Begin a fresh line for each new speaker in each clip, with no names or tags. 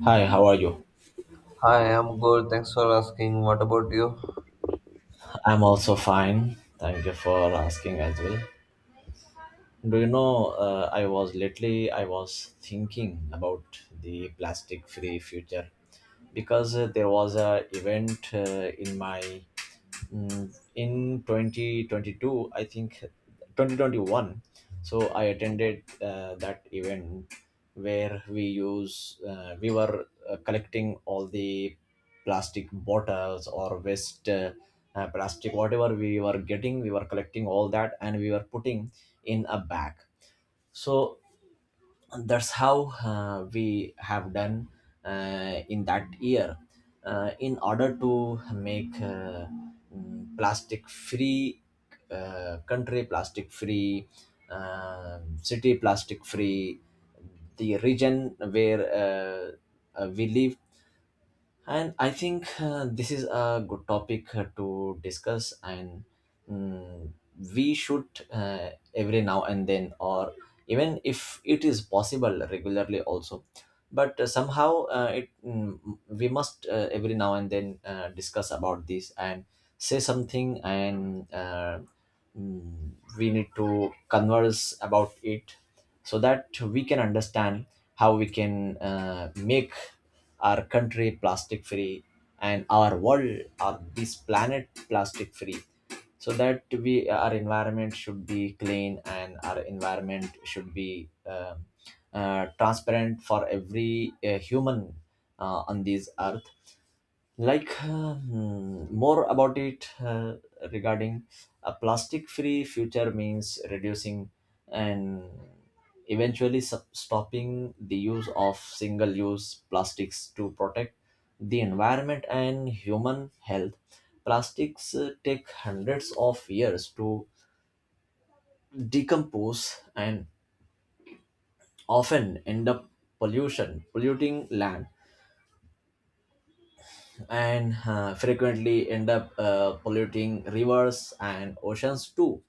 Hi, how are you?
Hi, I'm good. Thanks for asking. What about you?
I'm also fine. Thank you for asking as well. Do you know, I was thinking about the plastic free future because there was a event in in 2022, I think 2021. So I attended that event where we were collecting all the plastic bottles or waste, plastic, whatever we were getting, we were collecting all that, and we were putting in a bag. So, and that's how we have done in that year, in order to make, plastic free, country plastic free, city plastic free, the region where, we live. And I think this is a good topic to discuss, and mm, we should, every now and then, or even if it is possible, regularly also. But somehow, we must, every now and then, discuss about this and say something, and mm, we need to converse about it so that we can understand how we can make our country plastic free, and our world or this planet plastic free, so that we, our environment should be clean, and our environment should be transparent for every human on this earth. Like, more about it, regarding a plastic free future means reducing, and eventually stopping the use of single use plastics to protect the environment and human health. Plastics take hundreds of years to decompose, and often end up pollution polluting land, and frequently end up polluting rivers and oceans too.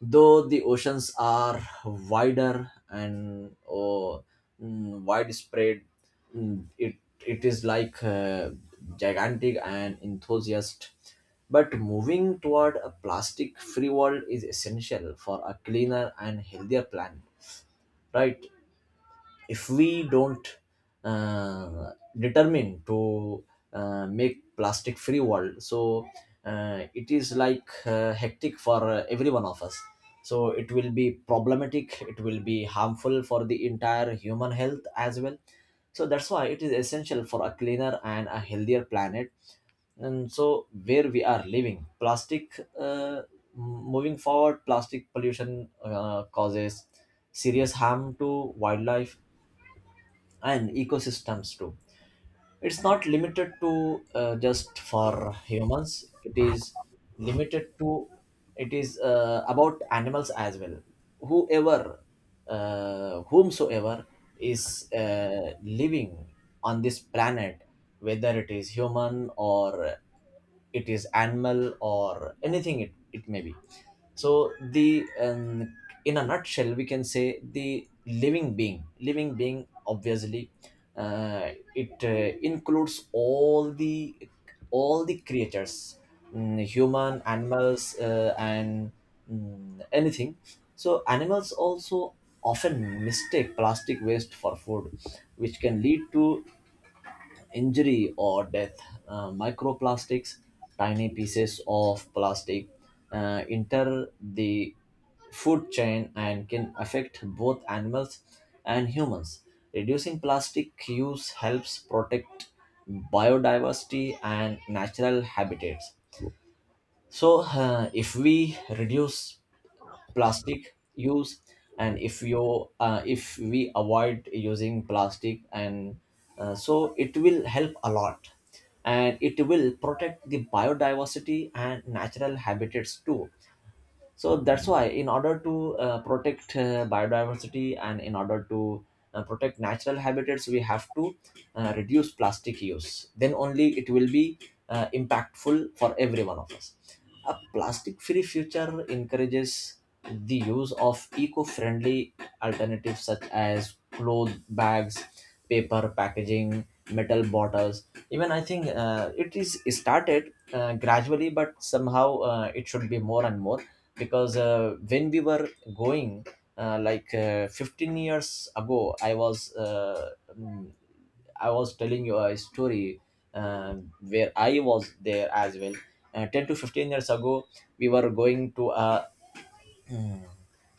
Though the oceans are wider and widespread, mm, it it is like gigantic and enthusiast. But moving toward a plastic-free world is essential for a cleaner and healthier planet, right? If we don't uh, determine to make plastic free world, so it is like hectic for every one of us, so it will be problematic, it will be harmful for the entire human health as well. So that's why it is essential for a cleaner and a healthier planet. And so where we are living, plastic moving forward, plastic pollution causes serious harm to wildlife and ecosystems too. It's not limited to just for humans, it is limited to, it is about animals as well. Whoever, whomsoever is living on this planet, whether it is human or it is animal, or anything it may be. So the in a nutshell, we can say the living being, obviously, it includes all the creatures human, animals, and anything. So animals also often mistake plastic waste for food, which can lead to injury or death. Microplastics, tiny pieces of plastic, enter the food chain and can affect both animals and humans. Reducing plastic use helps protect biodiversity and natural habitats. So, if we reduce plastic use, and if we avoid using plastic, and so it will help a lot, and it will protect the biodiversity and natural habitats too. So that's why, in order to protect biodiversity, and in order to protect natural habitats, we have to reduce plastic use, then only it will be impactful for every one of us. A plastic free future encourages the use of eco friendly alternatives, such as cloth bags, paper packaging, metal bottles. Even I think it is started gradually, but somehow it should be more and more, because when we were going, like, 15 years ago, mm, I was telling you a story where I was there as well. 10 to 15 years ago, we were going to a,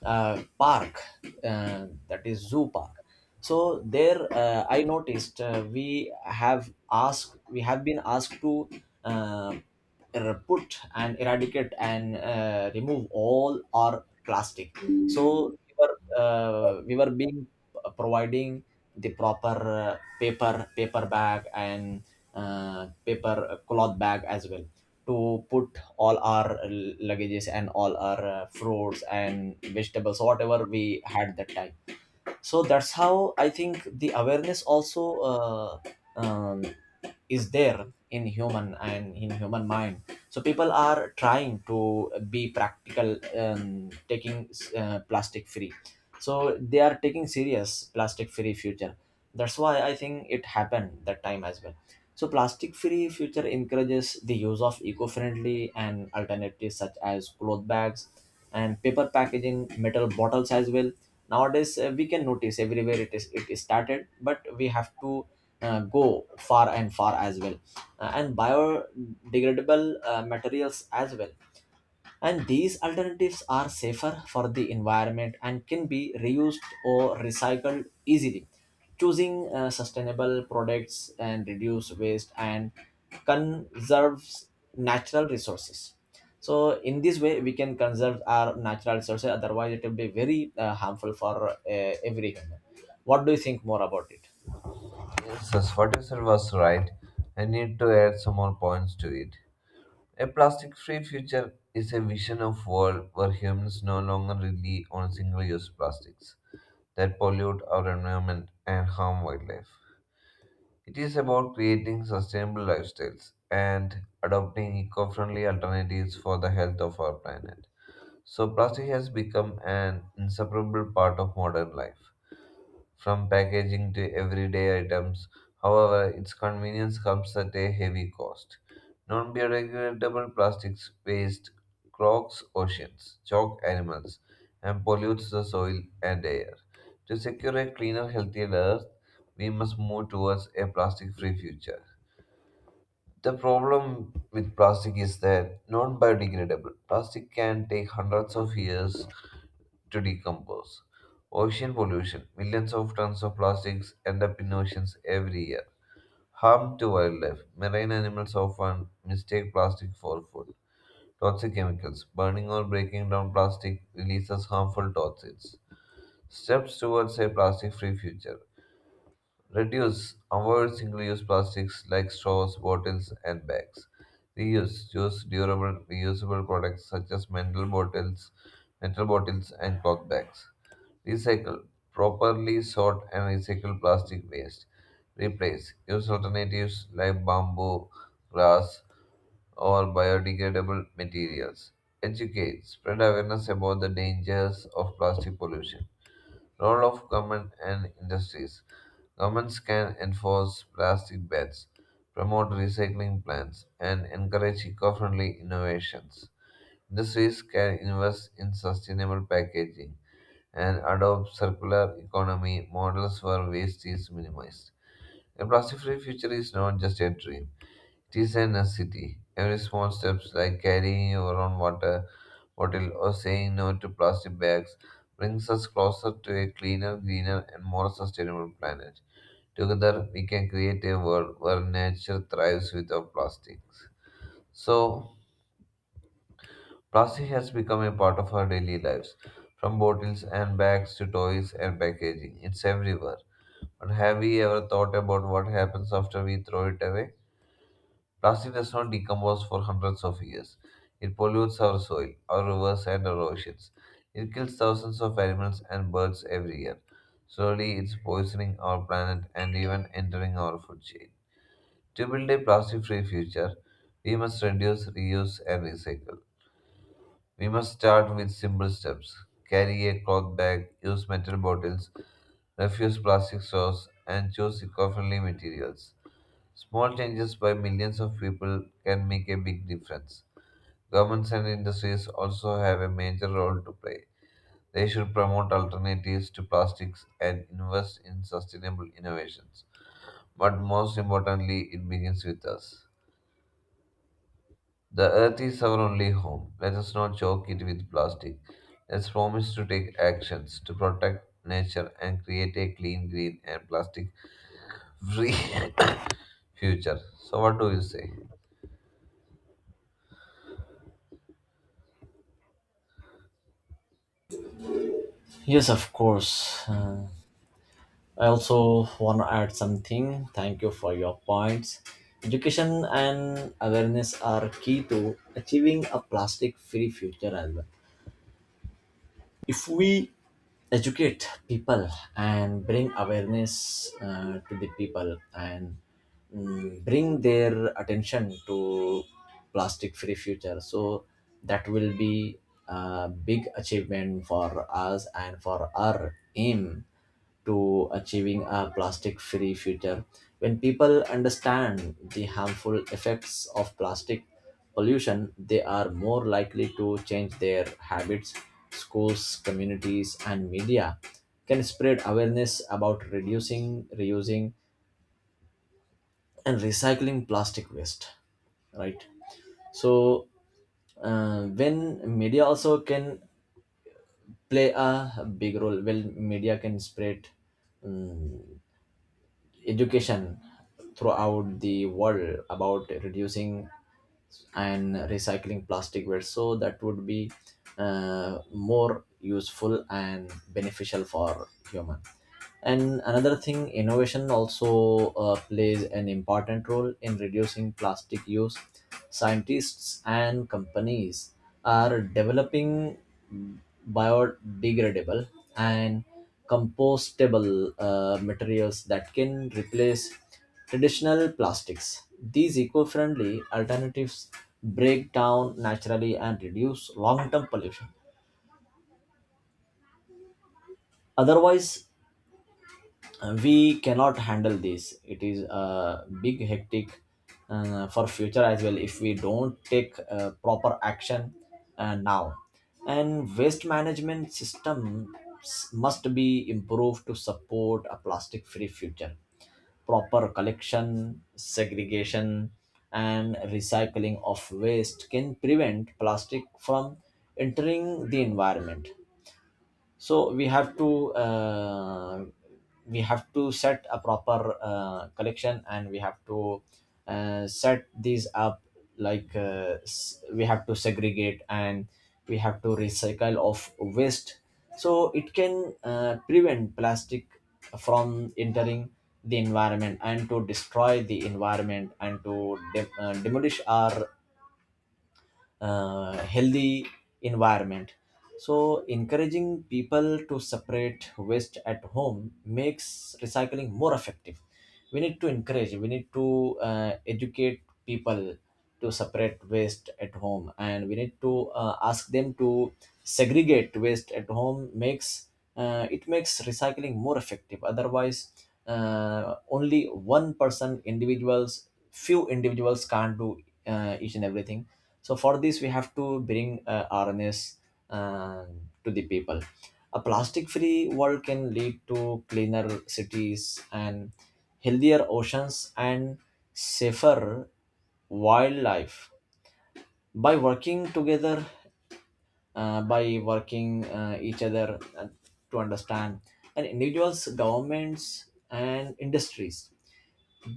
park, that is zoo park. So there I noticed, we have been asked to uh, put and eradicate and remove all our plastic. So we were being providing the proper paper bag, and paper cloth bag as well, to put all our luggages and all our fruits and vegetables, whatever we had that time. So that's how I think the awareness also um, is there in human and in human mind. So people are trying to be practical, taking plastic free, so they are taking serious plastic free future. That's why I think it happened that time as well. So plastic free future encourages the use of eco-friendly and alternatives, such as cloth bags and paper packaging, metal bottles as well. Nowadays we can notice everywhere it is started, but we have to go far and far as well. And biodegradable materials as well, and these alternatives are safer for the environment and can be reused or recycled easily. Choosing sustainable products and reduce waste and conserves natural resources. So in this way, we can conserve our natural resources. Otherwise, it will be very harmful for every human. What do you think more about it?
Yes, yes, what you said was right. I need to add some more points to it. A plastic-free future is a vision of world where humans no longer rely on single-use plastics that pollute our environment and harm wildlife. It is about creating sustainable lifestyles and adopting eco-friendly alternatives for the health of our planet. So plastic has become an inseparable part of modern life from packaging to everyday items. However, its convenience comes at a heavy cost. Non biodegradable plastics waste clogs oceans, choke animals, and pollutes the soil and air. To secure a cleaner, healthier earth, we must move towards a plastic free future. The problem with plastic is that non biodegradable plastic can take hundreds of years to decompose. Ocean pollution. Millions of tons of plastics end up in oceans every year. Harm to wildlife. Marine animals often mistake plastic for food. Toxic chemicals. Burning or breaking down plastic releases harmful toxins. Steps towards a plastic free future. Reduce, avoid single use plastics like straws, bottles, and bags. Reuse, choose durable, reusable products such as metal bottles, and cloth bags. Recycle. Properly sort and recycle plastic waste. Replace. Use alternatives like bamboo, glass, or biodegradable materials. Educate. Spread awareness about the dangers of plastic pollution. Role of government and industries. Governments can enforce plastic bans, promote recycling plans, and encourage eco friendly innovations. Industries can invest in sustainable packaging and adopt circular economy models where waste is minimized. A plastic free future is not just a dream, it is a necessity. Every small steps like carrying your own water bottle or saying no to plastic bags brings us closer to a cleaner, greener, and more sustainable planet. Together, we can create a world where nature thrives without plastics. So, plastic has become a part of our daily lives, from bottles and bags to toys and packaging. It's everywhere. But have we ever thought about what happens after we throw it away? Plastic does not decompose for hundreds of years. It pollutes our soil, our rivers, and our oceans. It kills thousands of animals and birds every year. Slowly, it's poisoning our planet and even entering our food chain. To build a plastic free future, we must reduce, reuse, and recycle. We must start with simple steps: carry a cloth bag, use metal bottles, refuse plastic straws, and choose eco friendly materials. Small changes by millions of people can make a big difference. Governments and industries also have a major role to play. They should promote alternatives to plastics and invest in sustainable innovations. But most importantly, it begins with us. The earth is our only home. Let us not choke it with plastic. Let's promise to take actions to protect nature and create a clean, green, and plastic free future. So, what do you say?
Yes, of course. I also want to add something. Thank you for your points. Education and awareness are key to achieving a plastic free future as well. If we educate people and bring awareness to the people, and bring their attention to plastic free future, so that will be a big achievement for us and for our aim to achieving a plastic free future. When people understand the harmful effects of plastic pollution, they are more likely to change their habits. Schools, communities, and media can spread awareness about reducing, reusing, and recycling plastic waste, right? So when media also can play a big role, well, media can spread um, education throughout the world about reducing and recycling plastic waste, so that would be more useful and beneficial for human. And another thing, innovation also plays an important role in reducing plastic use. Scientists and companies are developing biodegradable and compostable materials that can replace traditional plastics. These eco-friendly alternatives break down naturally and reduce long-term pollution. Otherwise, we cannot handle this, it is a big hectic for future as well, if we don't take proper action now. And waste management system must be improved to support a plastic free future. Proper collection, segregation, and recycling of waste can prevent plastic from entering the environment. So we have to, set a proper collection, and we have to set these up, like, we have to segregate and we have to recycle of waste, so it can prevent plastic from entering the environment, and to destroy the environment, and to demolish our healthy environment. So, encouraging people to separate waste at home makes recycling more effective. We need to encourage, we need to educate people to separate waste at home, and we need to ask them to segregate waste at home, makes it makes recycling more effective. Otherwise, only one person, individuals, few individuals can't do each and everything. So for this, we have to bring awareness uh, to the people. A plastic-free world can lead to cleaner cities and healthier oceans and safer wildlife. By working together, by working each other to understand, and individuals, governments, and industries,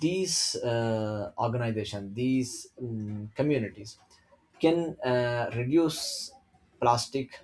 these organizations, these communities can reduce plastic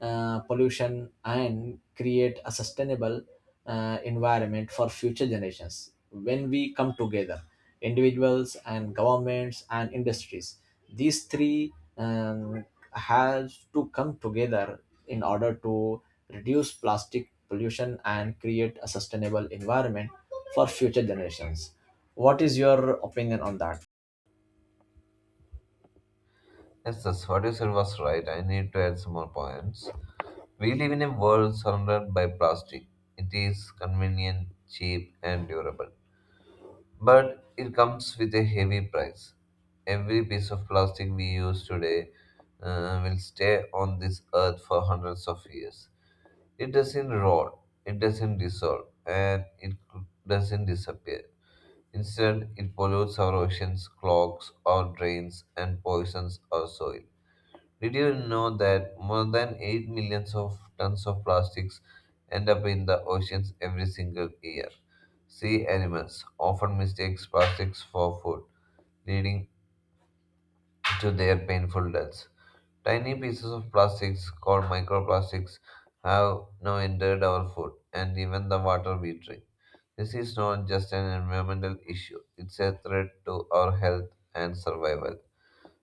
pollution and create a sustainable environment for future generations, when we come together, individuals and governments and industries. These three, um, have to come together in order to reduce plastic pollution and create a sustainable environment for future generations. What is your opinion on that?
Yes, that's what you said was right. I need to add some more points. We live in a world surrounded by plastic. It is convenient, cheap, and durable. But it comes with a heavy price. Every piece of plastic we use today will stay on this earth for hundreds of years. It doesn't rot, it doesn't dissolve, and it doesn't disappear. Instead, it pollutes our oceans, clogs our drains, and poisons our soil. Did you know that more than 8 million of tons of plastics end up in the oceans every single year? Sea animals often mistake plastics for food, leading to their painful deaths. Tiny pieces of plastics called microplastics have now entered our food and even the water we drink. This is not just an environmental issue, it's a threat to our health and survival.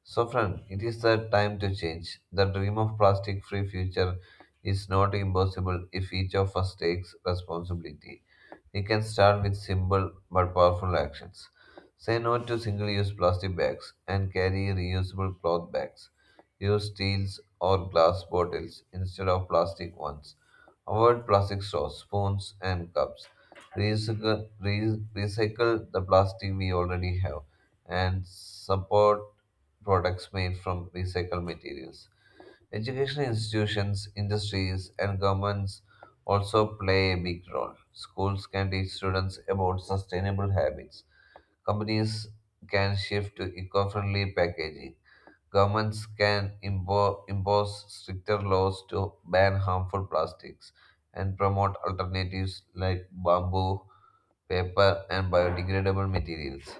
So, friend, it is the time to change. The dream of plastic free future is not impossible if each of us takes responsibility. We can start with simple but powerful actions. Say no to single use plastic bags and carry reusable cloth bags. Use steels or glass bottles instead of plastic ones. Avoid plastic straws, spoons, and cups. Recycle the plastic we already have and support products made from recycled materials. Educational institutions, industries, and governments also play a big role. Schools can teach students about sustainable habits. Companies can shift to eco friendly packaging. Governments can impose stricter laws to ban harmful plastics and promote alternatives like bamboo paper, and biodegradable materials.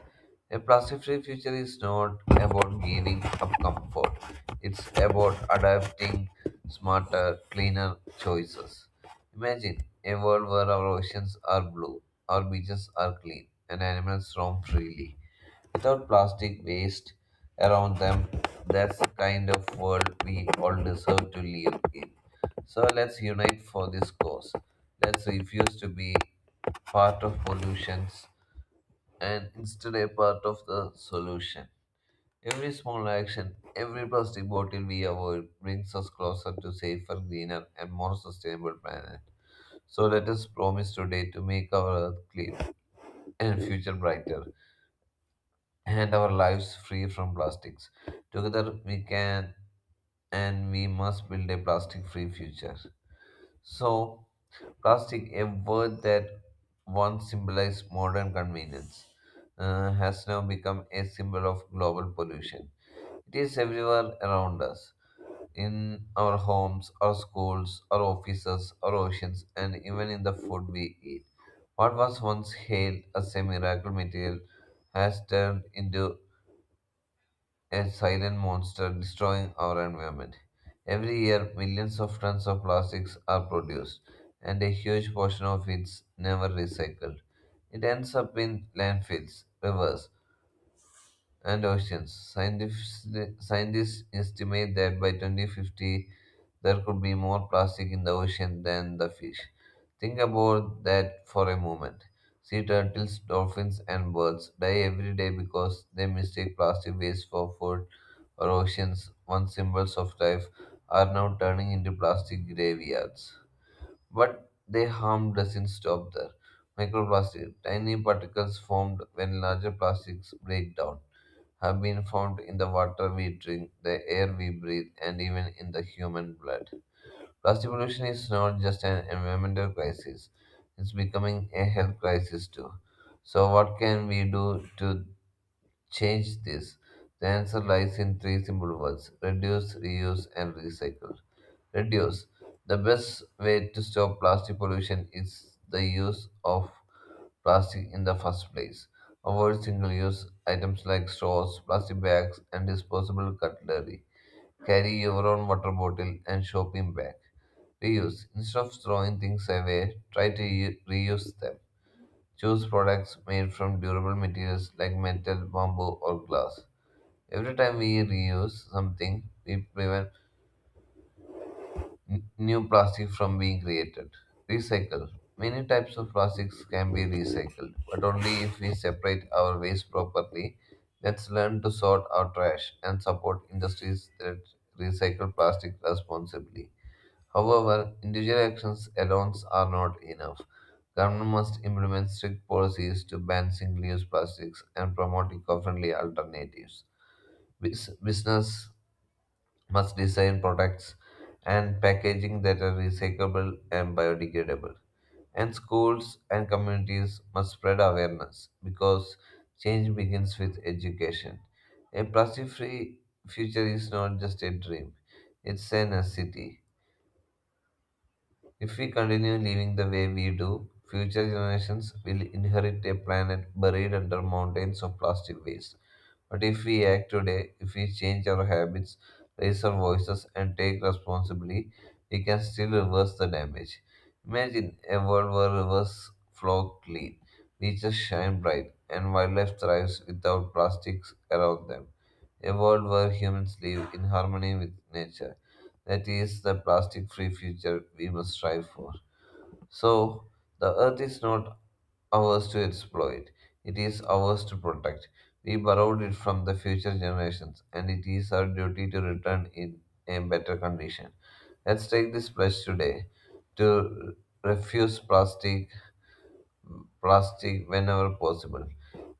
A plastic free future is not about giving up comfort, it's about adapting smarter, cleaner choices. Imagine a world where our oceans are blue, our beaches are clean, and animals roam freely without plastic waste around them. That's the kind of world we all deserve to live in. So let's unite for this cause. Let's refuse to be part of pollutions and instead a part of the solution. Every small action, every plastic bottle we avoid brings us closer to safer, greener and more sustainable planet. So let us promise today to make our earth clean and future brighter and our lives free from plastics. Together we can and we must build a plastic free future. So, plastic, a word that once symbolized modern convenience, has now become a symbol of global pollution. It is everywhere around us, in our homes, our schools, our offices, our oceans, and even in the food we eat. What was once hailed as a miracle material has turned into a silent monster destroying our environment. Every year, millions of tons of plastics are produced, and a huge portion of it's never recycled. It ends up in landfills, rivers, and oceans. Scientists estimate that by 2050, there could be more plastic in the ocean than the fish. Think about that for a moment. Sea turtles, dolphins, and birds die every day because they mistake plastic waste for food. Our oceans, once symbols of life, are now turning into plastic graveyards. But their harm doesn't stop there. Microplastic, tiny particles formed when larger plastics break down, have been found in the water we drink, the air we breathe, and even in the human blood. Plastic pollution is not just an environmental crisis, it's becoming a health crisis too. So, what can we do to change this? The answer lies in three simple words: reduce, reuse, and recycle. Reduce. The best way to stop plastic pollution is the use of plastic in the first place. Avoid single use items like straws, plastic bags, and disposable cutlery. Carry your own water bottle and shopping bag. Reuse. Instead of throwing things away, try to reuse them. Choose products made from durable materials like metal, bamboo, or glass. Every time we reuse something, we prevent new plastic from being created. Recycle. Many types of plastics can be recycled, but only if we separate our waste properly. Let's learn to sort our trash and support industries that recycle plastic responsibly. However, individual actions alone are not enough. Government must implement strict policies to ban single-use plastics and promote eco-friendly alternatives. Business must design products and packaging that are recyclable and biodegradable. And schools and communities must spread awareness because change begins with education. A plastic free future is not just a dream, it's a necessity. If we continue living the way we do, future generations will inherit a planet buried under mountains of plastic waste. But if we act today, if we change our habits, raise our voices, and take responsibility, we can still reverse the damage. Imagine a world where rivers flow clean, beaches shine bright, and wildlife thrives without plastics around them. A world where humans live in harmony with nature. That is the plastic free future we must strive for. So, the earth is not ours to exploit, it is ours to protect. We borrowed it from the future generations, and it is our duty to return in a better condition. Let's take this pledge today to refuse plastic whenever possible,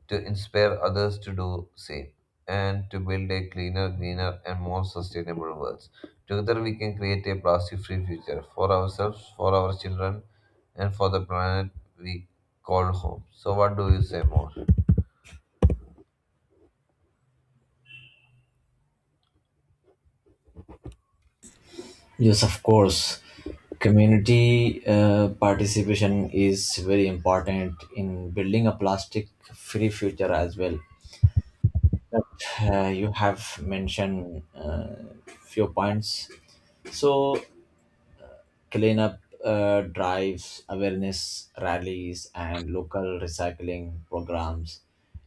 to inspire others to do same, and to build a cleaner, greener, and more sustainable world. Together, we can create a plastic-free future for ourselves, for our children, and for the planet we call home. So, what do you say more?
Yes, of course. Community participation is very important in building a plastic free future as well. But you have mentioned few points. So, cleanup drives, awareness rallies, and local recycling programs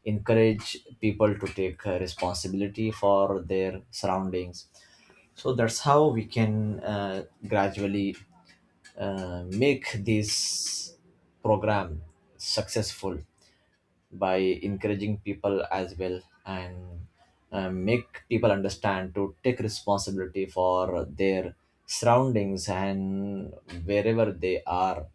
encourage people to take responsibility for their surroundings. So, that's how we can gradually make this program successful by encouraging people as well and make people understand to take responsibility for their surroundings and wherever they are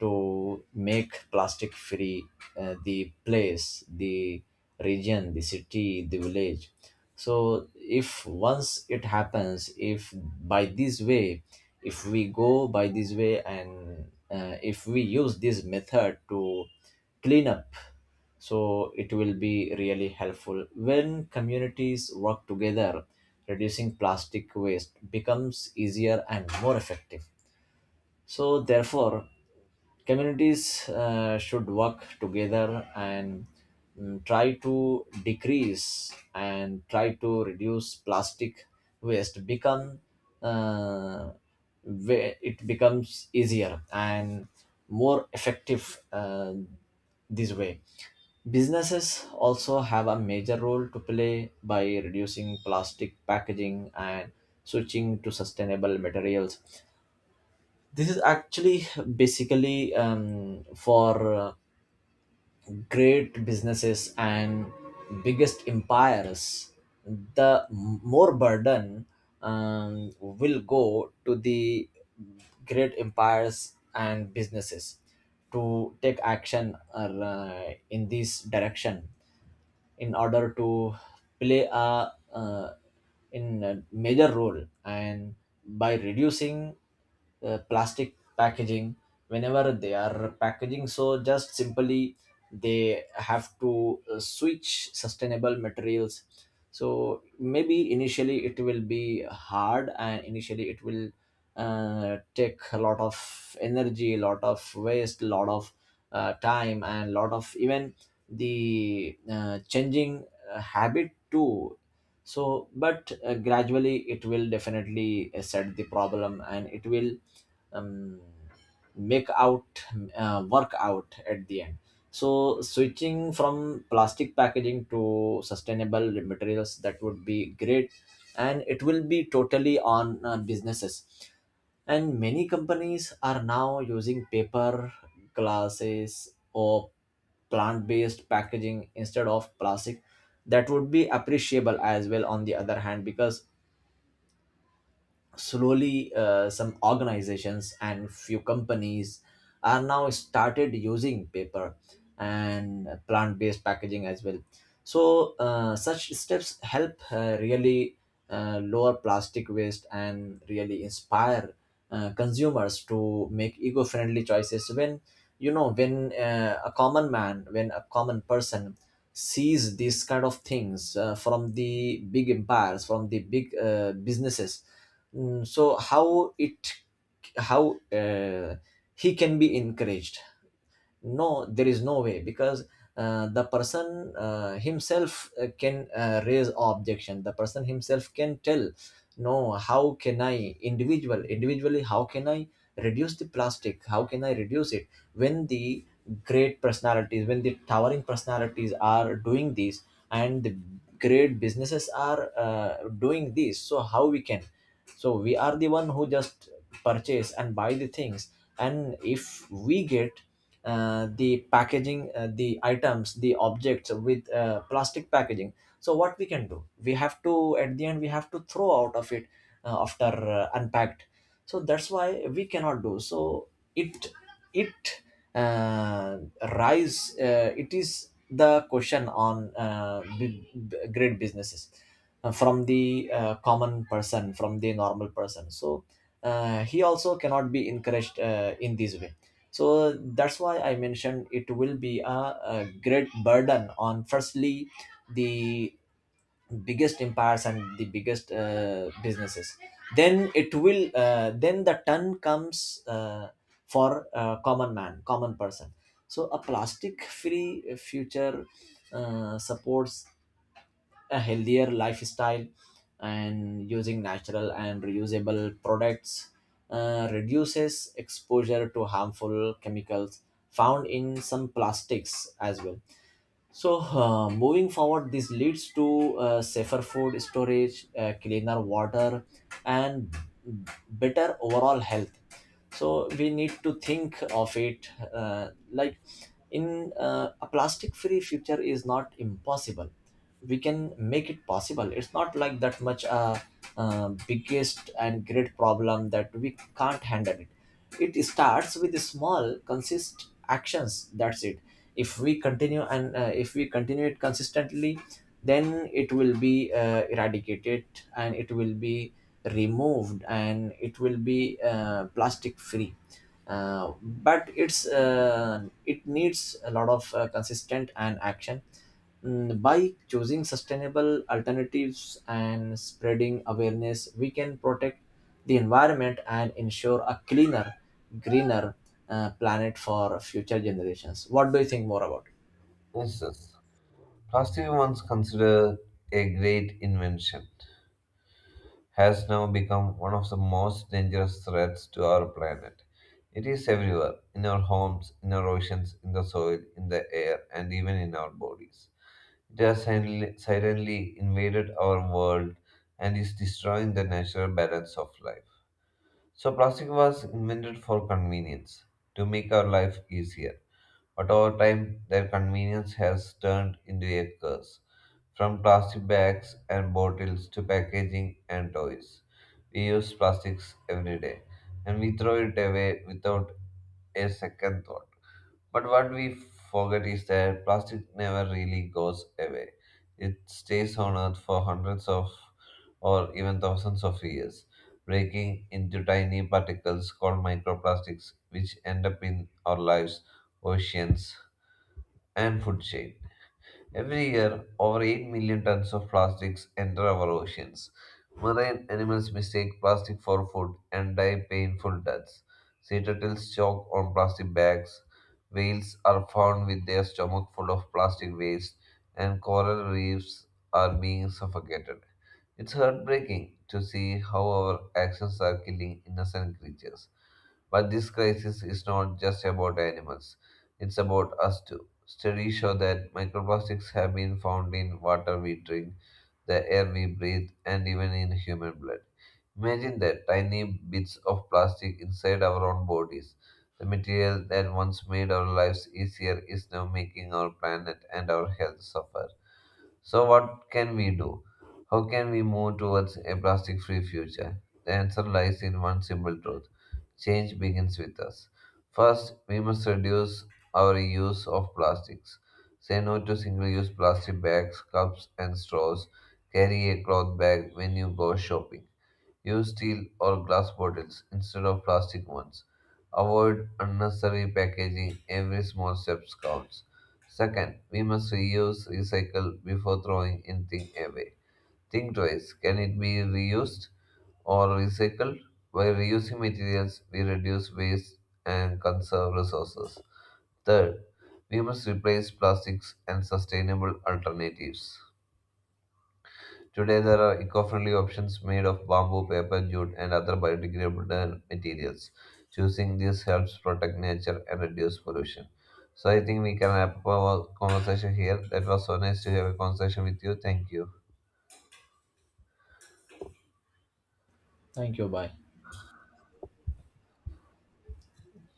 to make plastic free, the place, the region, the city, the village. So if once it happens, if by this way, if we go by this way and if we use this method to clean up, so it will be really helpful when communities work together. Reducing plastic waste becomes easier and more effective. So therefore, communities should work together and try to decrease and try to reduce plastic waste become, uh, where it becomes easier and more effective this way. Businesses also have a major role to play by reducing plastic packaging and switching to sustainable materials. This is actually basically, for great businesses and biggest empires, the more burden will go to the great empires and businesses to take action in this direction, in order to play a, uh, in a major role, and by reducing plastic packaging. Whenever they are packaging, so just simply they have to switch sustainable materials. So maybe initially it will be hard, and initially it will take a lot of energy, a lot of waste, a lot of time, and lot of even the changing habit too. So but gradually it will definitely set the problem and it will, um, make out, work out at the end. So switching from plastic packaging to sustainable materials, that would be great, and it will be totally on businesses. And many companies are now using paper glasses or plant-based packaging instead of plastic. That would be appreciable as well, on the other hand, because slowly, some organizations and few companies are now started using paper and plant-based packaging as well. So such steps help really lower plastic waste and really inspire consumers to make eco-friendly choices. When a common man, when a common person sees these kind of things from the big empires, from the big businesses. So how it, how he can be encouraged? No, there is no way, because the person himself can raise objection, the person himself can tell, no, how can I individual individually, how can I reduce the plastic, how can I reduce it when the great personalities, when the towering personalities are doing these, and the great businesses are doing this, so how we can? So we are the one who just purchase and buy the things, and if we get the packaging, the items, the objects with plastic packaging, so what we can do, we have to at the end we have to throw out of it, after unpacked. So that's why we cannot do so. It it uh, rise, it is the question on great businesses from the common person, from the normal person. So he also cannot be encouraged in this way. So that's why I mentioned it will be a great burden on firstly the biggest empires and the biggest businesses. Then it will, then the turn comes for common man, common person. So a plastic free future supports a healthier lifestyle, and using natural and reusable products reduces exposure to harmful chemicals found in some plastics as well. So, moving forward, this leads to safer food storage, cleaner water, and better overall health. So, we need to think of it like, in a plastic free future is not impossible. We can make it possible. It's not like that much biggest and great problem that we can't handle it. It starts with small, consist actions. That's it. If we continue, and if we continue it consistently, then it will be eradicated, and it will be removed, and it will be plastic free. But it needs a lot of consistent and action. By choosing sustainable alternatives and spreading awareness, we can protect the environment and ensure a cleaner, greener planet for future generations. What do you think more about it?
Instance: Plastic, once considered a great invention, has now become one of the most dangerous threats to our planet. It is everywhere, in our homes, in our oceans, in the soil, in the air, and even in our bodies. It has suddenly silently invaded our world and is destroying the natural balance of life. So, plastic was invented for convenience, to make our life easier. But over time, their convenience has turned into a curse. From plastic bags and bottles to packaging and toys, we use plastics every day and we throw it away without a second thought. But what we forget is that plastic never really goes away. It stays on Earth for hundreds of or even thousands of years, breaking into tiny particles called microplastics, which end up in our lives, oceans, and food chain. Every year, over 8 million tons of plastics enter our oceans. Marine animals mistake plastic for food and die painful deaths. Sea turtles choke on plastic bags. Whales are found with their stomach full of plastic waste, and coral reefs are being suffocated. It's heartbreaking to see how our actions are killing innocent creatures. But this crisis is not just about animals, it's about us too. Studies show that microplastics have been found in water we drink, the air we breathe, and even in human blood. Imagine that, tiny bits of plastic inside our own bodies. The material that once made our lives easier is now making our planet and our health suffer. So, what can we do? How can we move towards a plastic free future? The answer lies in one simple truth: change begins with us. First, we must reduce our use of plastics. Say no to single use plastic bags, cups, and straws. Carry a cloth bag when you go shopping. Use steel or glass bottles instead of plastic ones. Avoid unnecessary packaging. Every small step counts. Second, we must reuse, recycle before throwing anything away. Think twice. Can it be reused or recycled? By reusing materials, we reduce waste and conserve resources. Third, we must replace plastics and sustainable alternatives. Today, there are eco friendly options made of bamboo, paper, jute, and other biodegradable materials. Choosing these helps protect nature and reduce pollution. So, I think we can wrap up our conversation here. That was so nice to have a conversation with you. Thank you.
Thank you. Bye.